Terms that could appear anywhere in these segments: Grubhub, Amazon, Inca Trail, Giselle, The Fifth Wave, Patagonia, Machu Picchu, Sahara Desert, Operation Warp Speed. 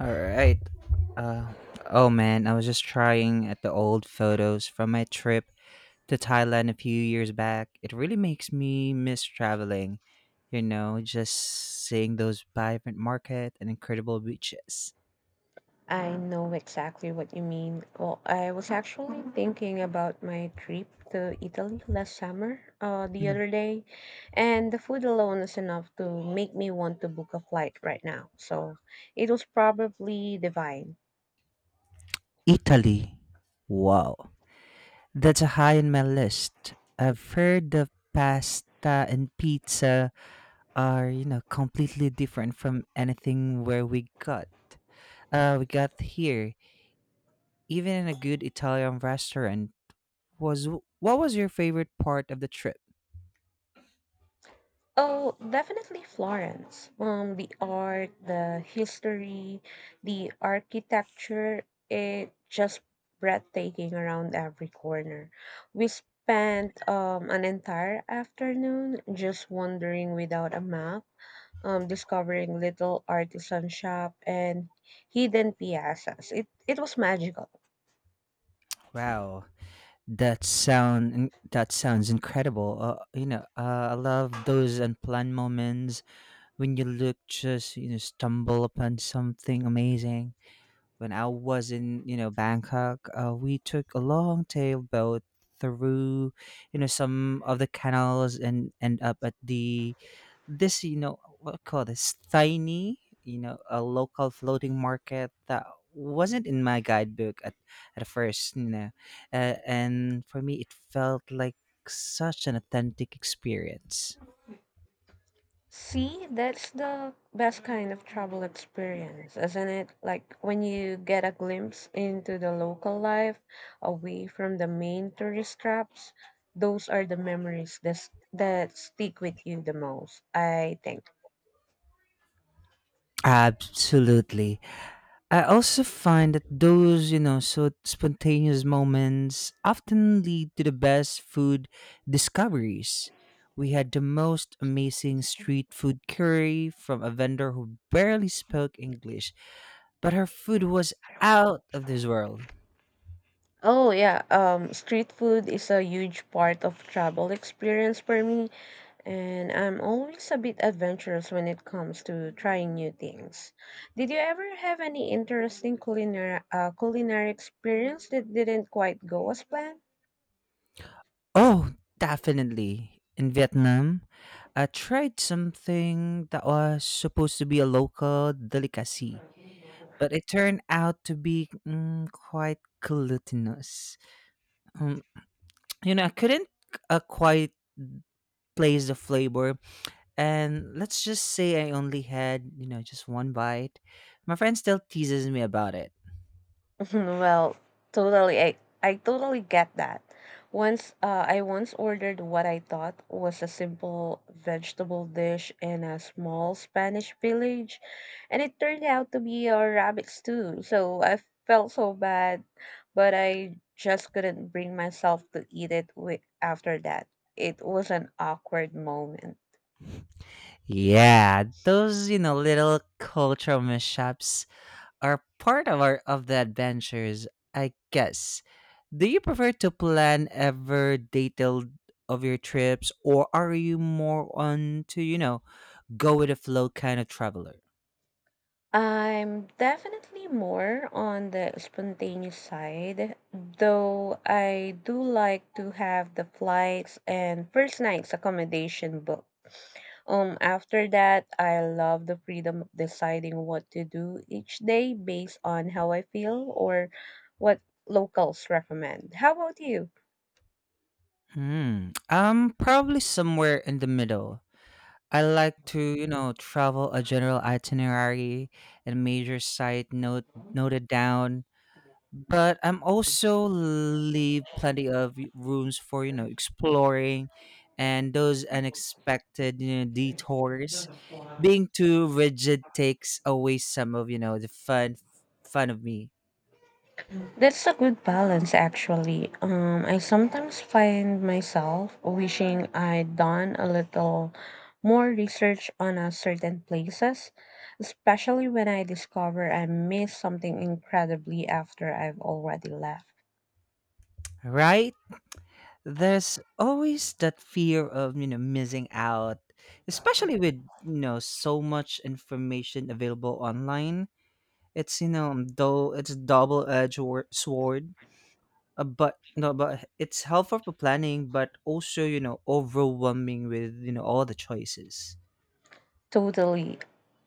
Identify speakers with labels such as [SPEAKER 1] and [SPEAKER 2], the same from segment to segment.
[SPEAKER 1] All right. Uh, oh man, I was just trying at the old photos from my trip to Thailand a few years back. It really makes me miss traveling. You know, just seeing those vibrant market and incredible beaches.
[SPEAKER 2] I know exactly what you mean. Well, I was actually thinking about my trip to Italy last summer, the
[SPEAKER 1] Mm.
[SPEAKER 2] other day, and the food alone is enough to make me want to book a flight right now. So it was probably divine.
[SPEAKER 1] Italy. Wow. That's a high on my list. I've heard the pasta and pizza are, you know, completely different from anything where we got here even in a good Italian restaurant, was what was your favorite part of the trip?
[SPEAKER 2] Oh, definitely Florence. The art, the history, the architecture, it just breathtaking around every corner. We spent an entire afternoon just wandering without a map, discovering little artisan shop and hidden piazzas. It was magical.
[SPEAKER 1] Wow, that sound that sounds incredible. I love those unplanned moments when you look just you know stumble upon something amazing. When I was in, you know, Bangkok, we took a long tail boat through, you know, some of the canals and end up at the this, you know, what I call this tiny, you know, a local floating market that wasn't in my guidebook at first, you know, and for me it felt like such an authentic experience.
[SPEAKER 2] See, that's the best kind of travel experience, isn't it? Like when you get a glimpse into the local life away from the main tourist traps, those are the memories that stick with you the most, I think.
[SPEAKER 1] Absolutely. I also find that those, you know, so spontaneous moments often lead to the best food discoveries. We had the most amazing street food curry from a vendor who barely spoke English, but her food was out of this world.
[SPEAKER 2] Oh yeah, street food is a huge part of travel experience for me, and I'm always a bit adventurous when it comes to trying new things. Did you ever have any interesting culinary experience that didn't quite go as planned?
[SPEAKER 1] Oh, definitely. In Vietnam, I tried something that was supposed to be a local delicacy, but it turned out to be quite glutinous. Um, you know, I couldn't quite place the flavor, and let's just say I only had you know just one bite. My friend still teases me about it.
[SPEAKER 2] Well, totally. I totally get that. Once I once ordered what I thought was a simple vegetable dish in a small Spanish village, and it turned out to be a rabbit stew. So I felt so bad, but I just couldn't bring myself to eat it after that. It was an awkward moment.
[SPEAKER 1] Yeah, those you know little cultural mishaps are part of our of the adventures, I guess. Do you prefer to plan ever detailed of your trips, or are you more on to you know go with the flow kind of traveler?
[SPEAKER 2] I'm definitely more on the spontaneous side, though I do like to have the flights and first night's accommodation booked. After that, I love the freedom of deciding what to do each day based on how I feel or what locals recommend. How about you?
[SPEAKER 1] Hmm. Probably somewhere in the middle. I like to, you know, travel a general itinerary and major site noted down but I'm also leave plenty of rooms for you know exploring and those unexpected you know, detours. Being too rigid takes away some of you know the fun of me,
[SPEAKER 2] That's a good balance, actually. I sometimes find myself wishing I'd done a little more research on a certain places, especially when I discover I missed something incredibly after I've already left.
[SPEAKER 1] right? There's always that fear of you know missing out, especially with you know so much information available online. It's you know though it's a double edged sword but no but it's helpful for planning but also you know overwhelming with you know all the choices.
[SPEAKER 2] Totally.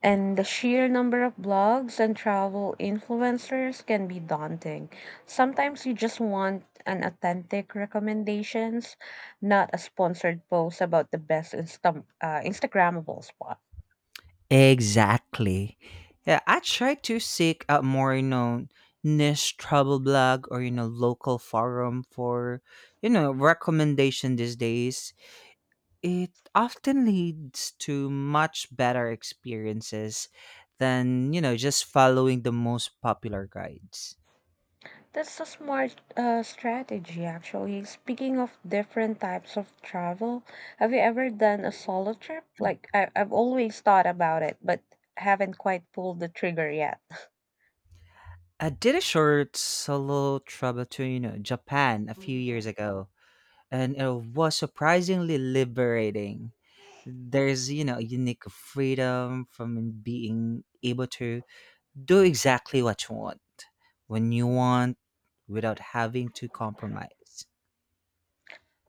[SPEAKER 2] And the sheer number of blogs and travel influencers can be daunting. Sometimes you just want an authentic recommendations, not a sponsored post about the best Instagrammable spot.
[SPEAKER 1] Exactly. Yeah, I try to seek out more, you know, niche travel blog or you know local forum for you know recommendation these days. It often leads to much better experiences than, you know, just following the most popular guides.
[SPEAKER 2] That's a smart strategy, actually. Speaking of different types of travel, have you ever done a solo trip? Like, I've always thought about it, but haven't quite pulled the trigger yet.
[SPEAKER 1] I did a short solo travel to, you know, Japan a few years ago, and it was surprisingly liberating. There's, you know, a unique freedom from being able to do exactly what you want when you want without having to compromise.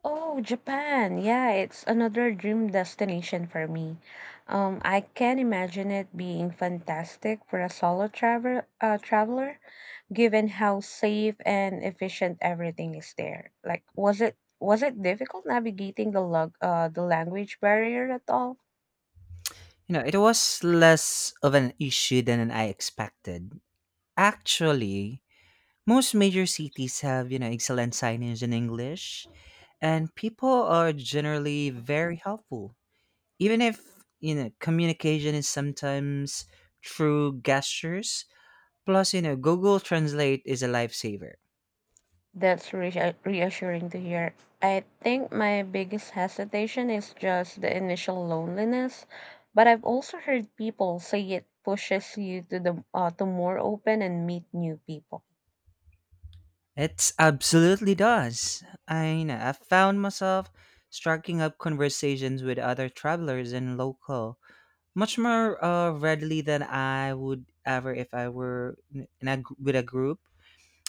[SPEAKER 2] Oh, Japan. Yeah, it's another dream destination for me. I can imagine it being fantastic for a solo traveler, given how safe and efficient everything is there. Like, was it difficult navigating the language barrier at all?
[SPEAKER 1] You know, it was less of an issue than I expected. Actually, most major cities have, you know, excellent signage in English, and people are generally very helpful. Even if, you know, communication is sometimes through gestures, plus, you know, Google Translate is a lifesaver.
[SPEAKER 2] That's reassuring to hear. I think my biggest hesitation is just the initial loneliness, but I've also heard people say it pushes you to more open and meet new people.
[SPEAKER 1] It absolutely does. I know. I found myself striking up conversations with other travelers and local much more readily than I would ever if I were in a, with a group.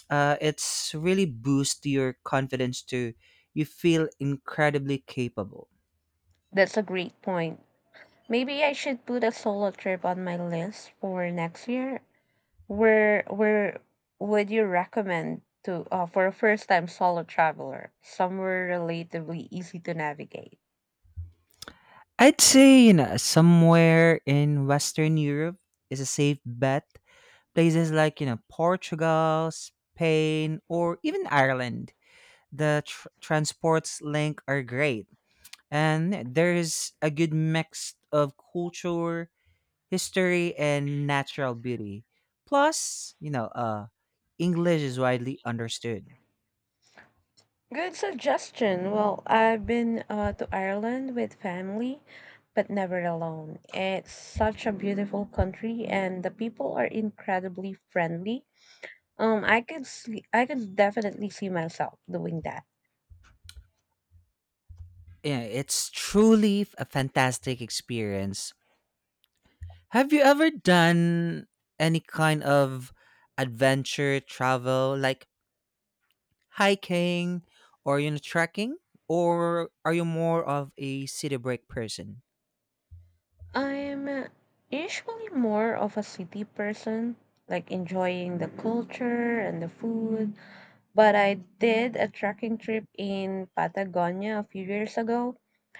[SPEAKER 1] It's really boost your confidence too. You feel incredibly capable.
[SPEAKER 2] That's a great point. Maybe I should put a solo trip on my list for next year. Where would you recommend to for a first time solo traveler? Somewhere relatively easy to navigate.
[SPEAKER 1] I'd say you know somewhere in Western Europe is a safe bet. Places like you know Portugal, Spain, or even Ireland the transports link are great. And there's a good mix of culture, history, and natural beauty. Plus, you know, English is widely understood.
[SPEAKER 2] Good suggestion. Well, I've been to Ireland with family, but never alone. It's such a beautiful country, and the people are incredibly friendly. I could definitely see myself doing that.
[SPEAKER 1] Yeah, it's truly a fantastic experience. Have you ever done any kind of adventure travel, like hiking or you know trekking, or are you more of a city break person?
[SPEAKER 2] I'm usually more of a city person, like enjoying the culture and the food. But I did a trekking trip in Patagonia a few years ago,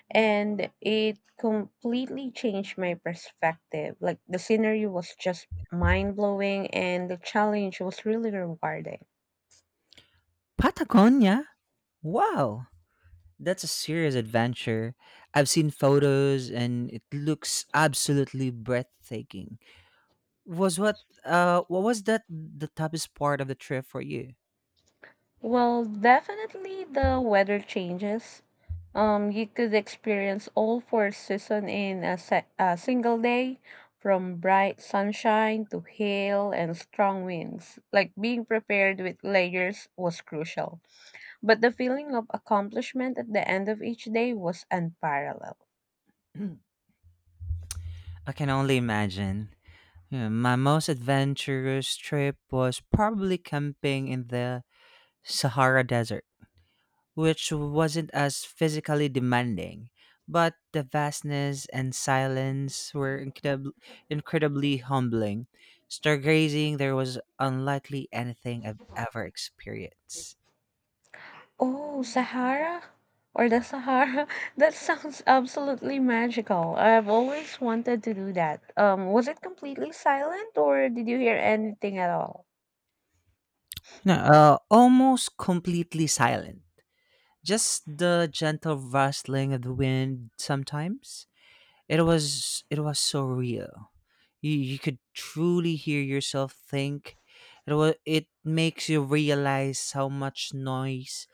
[SPEAKER 2] and it completely changed my perspective. Like the scenery was just mind blowing, and the challenge was really rewarding.
[SPEAKER 1] Patagonia. Wow, that's a serious adventure. I've seen photos and it looks absolutely breathtaking. Was what was that the toughest part of the trip for you?
[SPEAKER 2] Well, definitely the weather changes. You could experience all four seasons in a single day, from bright sunshine to hail and strong winds. Like being prepared with layers was crucial, but the feeling of accomplishment at the end of each day was unparalleled.
[SPEAKER 1] I can only imagine. Yeah, my most adventurous trip was probably camping in the Sahara Desert, which wasn't as physically demanding, but the vastness and silence were incredibly humbling. Stargazing, there was unlikely anything I've ever experienced.
[SPEAKER 2] Oh, Sahara or the Sahara. That sounds absolutely magical. I've always wanted to do that. Was it completely silent or did you hear anything at all?
[SPEAKER 1] No, almost completely silent. Just the gentle rustling of the wind sometimes. It was so real. You could truly hear yourself think. It makes you realize how much noise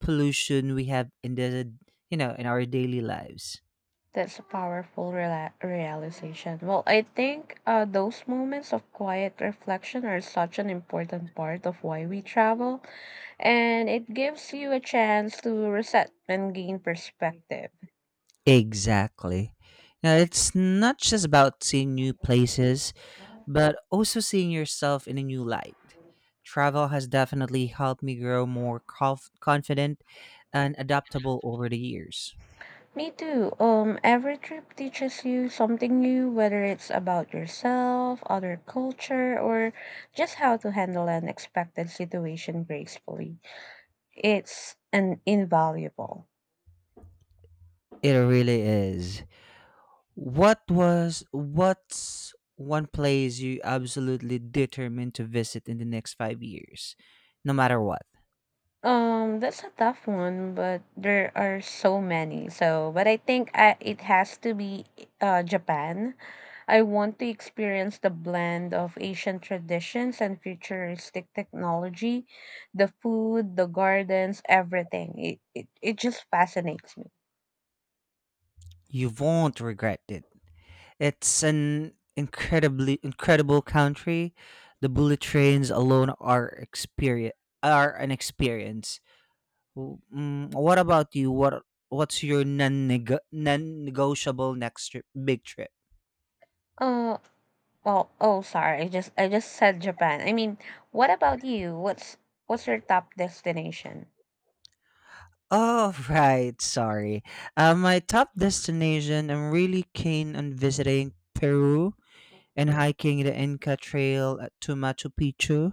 [SPEAKER 1] pollution we have in the you know in our daily lives.
[SPEAKER 2] That's a powerful realization. Well, I think those moments of quiet reflection are such an important part of why we travel, and it gives you a chance to reset and gain perspective.
[SPEAKER 1] Exactly. Now, it's not just about seeing new places, but also seeing yourself in a new light. Travel has definitely helped me grow more confident and adaptable over the years.
[SPEAKER 2] Me too. Every trip teaches you something new, whether it's about yourself, other culture, or just how to handle an unexpected situation gracefully. It's an invaluable.
[SPEAKER 1] It really is. What's one place you absolutely determined to visit in the next 5 years, no matter what?
[SPEAKER 2] That's a tough one, but there are so many. So, but it has to be Japan. I want to experience the blend of ancient traditions and futuristic technology, the food, the gardens, everything. It just fascinates me.
[SPEAKER 1] You won't regret it. It's an incredibly incredible country. The bullet trains alone are experience are an experience. What about you? What's your non-negotiable next trip, big trip?
[SPEAKER 2] Uh Sorry, I just said Japan. I mean, what about you? What's your top destination?
[SPEAKER 1] Oh right, sorry. My top destination. I'm really keen on visiting Peru and hiking the Inca Trail to Machu Picchu.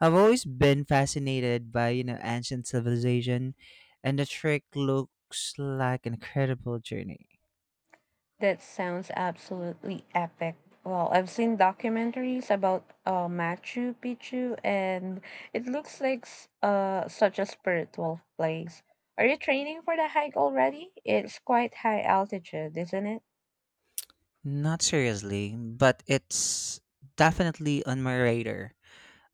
[SPEAKER 1] I've always been fascinated by, you know, ancient civilization, and the trek looks like an incredible journey.
[SPEAKER 2] That sounds absolutely epic. Well, I've seen documentaries about Machu Picchu, and it looks like such a spiritual place. Are you training for the hike already? It's quite high altitude, isn't it?
[SPEAKER 1] Not seriously, but it's definitely on my radar.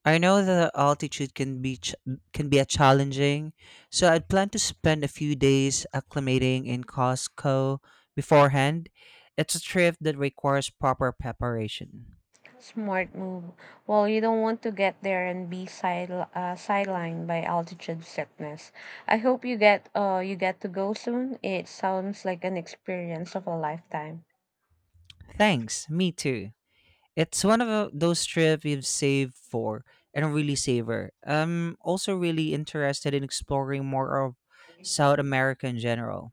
[SPEAKER 1] I know that altitude can be can be a challenging, so I'd plan to spend a few days acclimating in Costco beforehand. It's a trip that requires proper preparation.
[SPEAKER 2] Smart move. Well, you don't want to get there and be sidelined by altitude sickness. I hope you get to go soon. It sounds like an experience of a lifetime.
[SPEAKER 1] Thanks, me too. It's one of those trips you've saved for and really savor. I'm also really interested in exploring more of South America in general.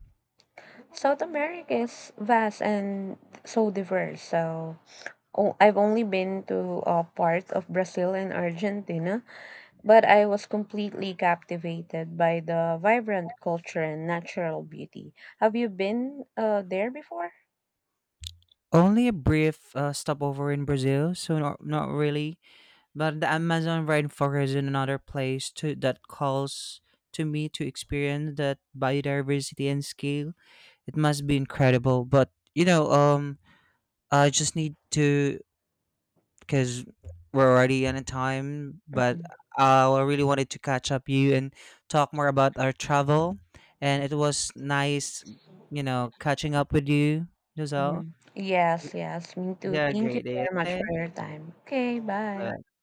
[SPEAKER 2] South America is vast and so diverse. So oh, I've only been to parts of Brazil and Argentina, but I was completely captivated by the vibrant culture and natural beauty. Have you been there before?
[SPEAKER 1] Only a brief stopover in Brazil, so not really. But the Amazon rainforest is another place to, that calls to me to experience that biodiversity and scale. It must be incredible. But you know, I just need to because we're already on a time. But
[SPEAKER 2] Hmm.
[SPEAKER 1] I really wanted to catch up you and talk more about our travel. And it was nice, you know, catching up with you,
[SPEAKER 2] Hmm.
[SPEAKER 1] Giselle.
[SPEAKER 2] Yes, yes, me too.
[SPEAKER 1] Yeah,
[SPEAKER 2] Thank you
[SPEAKER 1] great day.
[SPEAKER 2] very much
[SPEAKER 1] Okay.
[SPEAKER 2] for your time. Okay, bye.
[SPEAKER 1] Bye.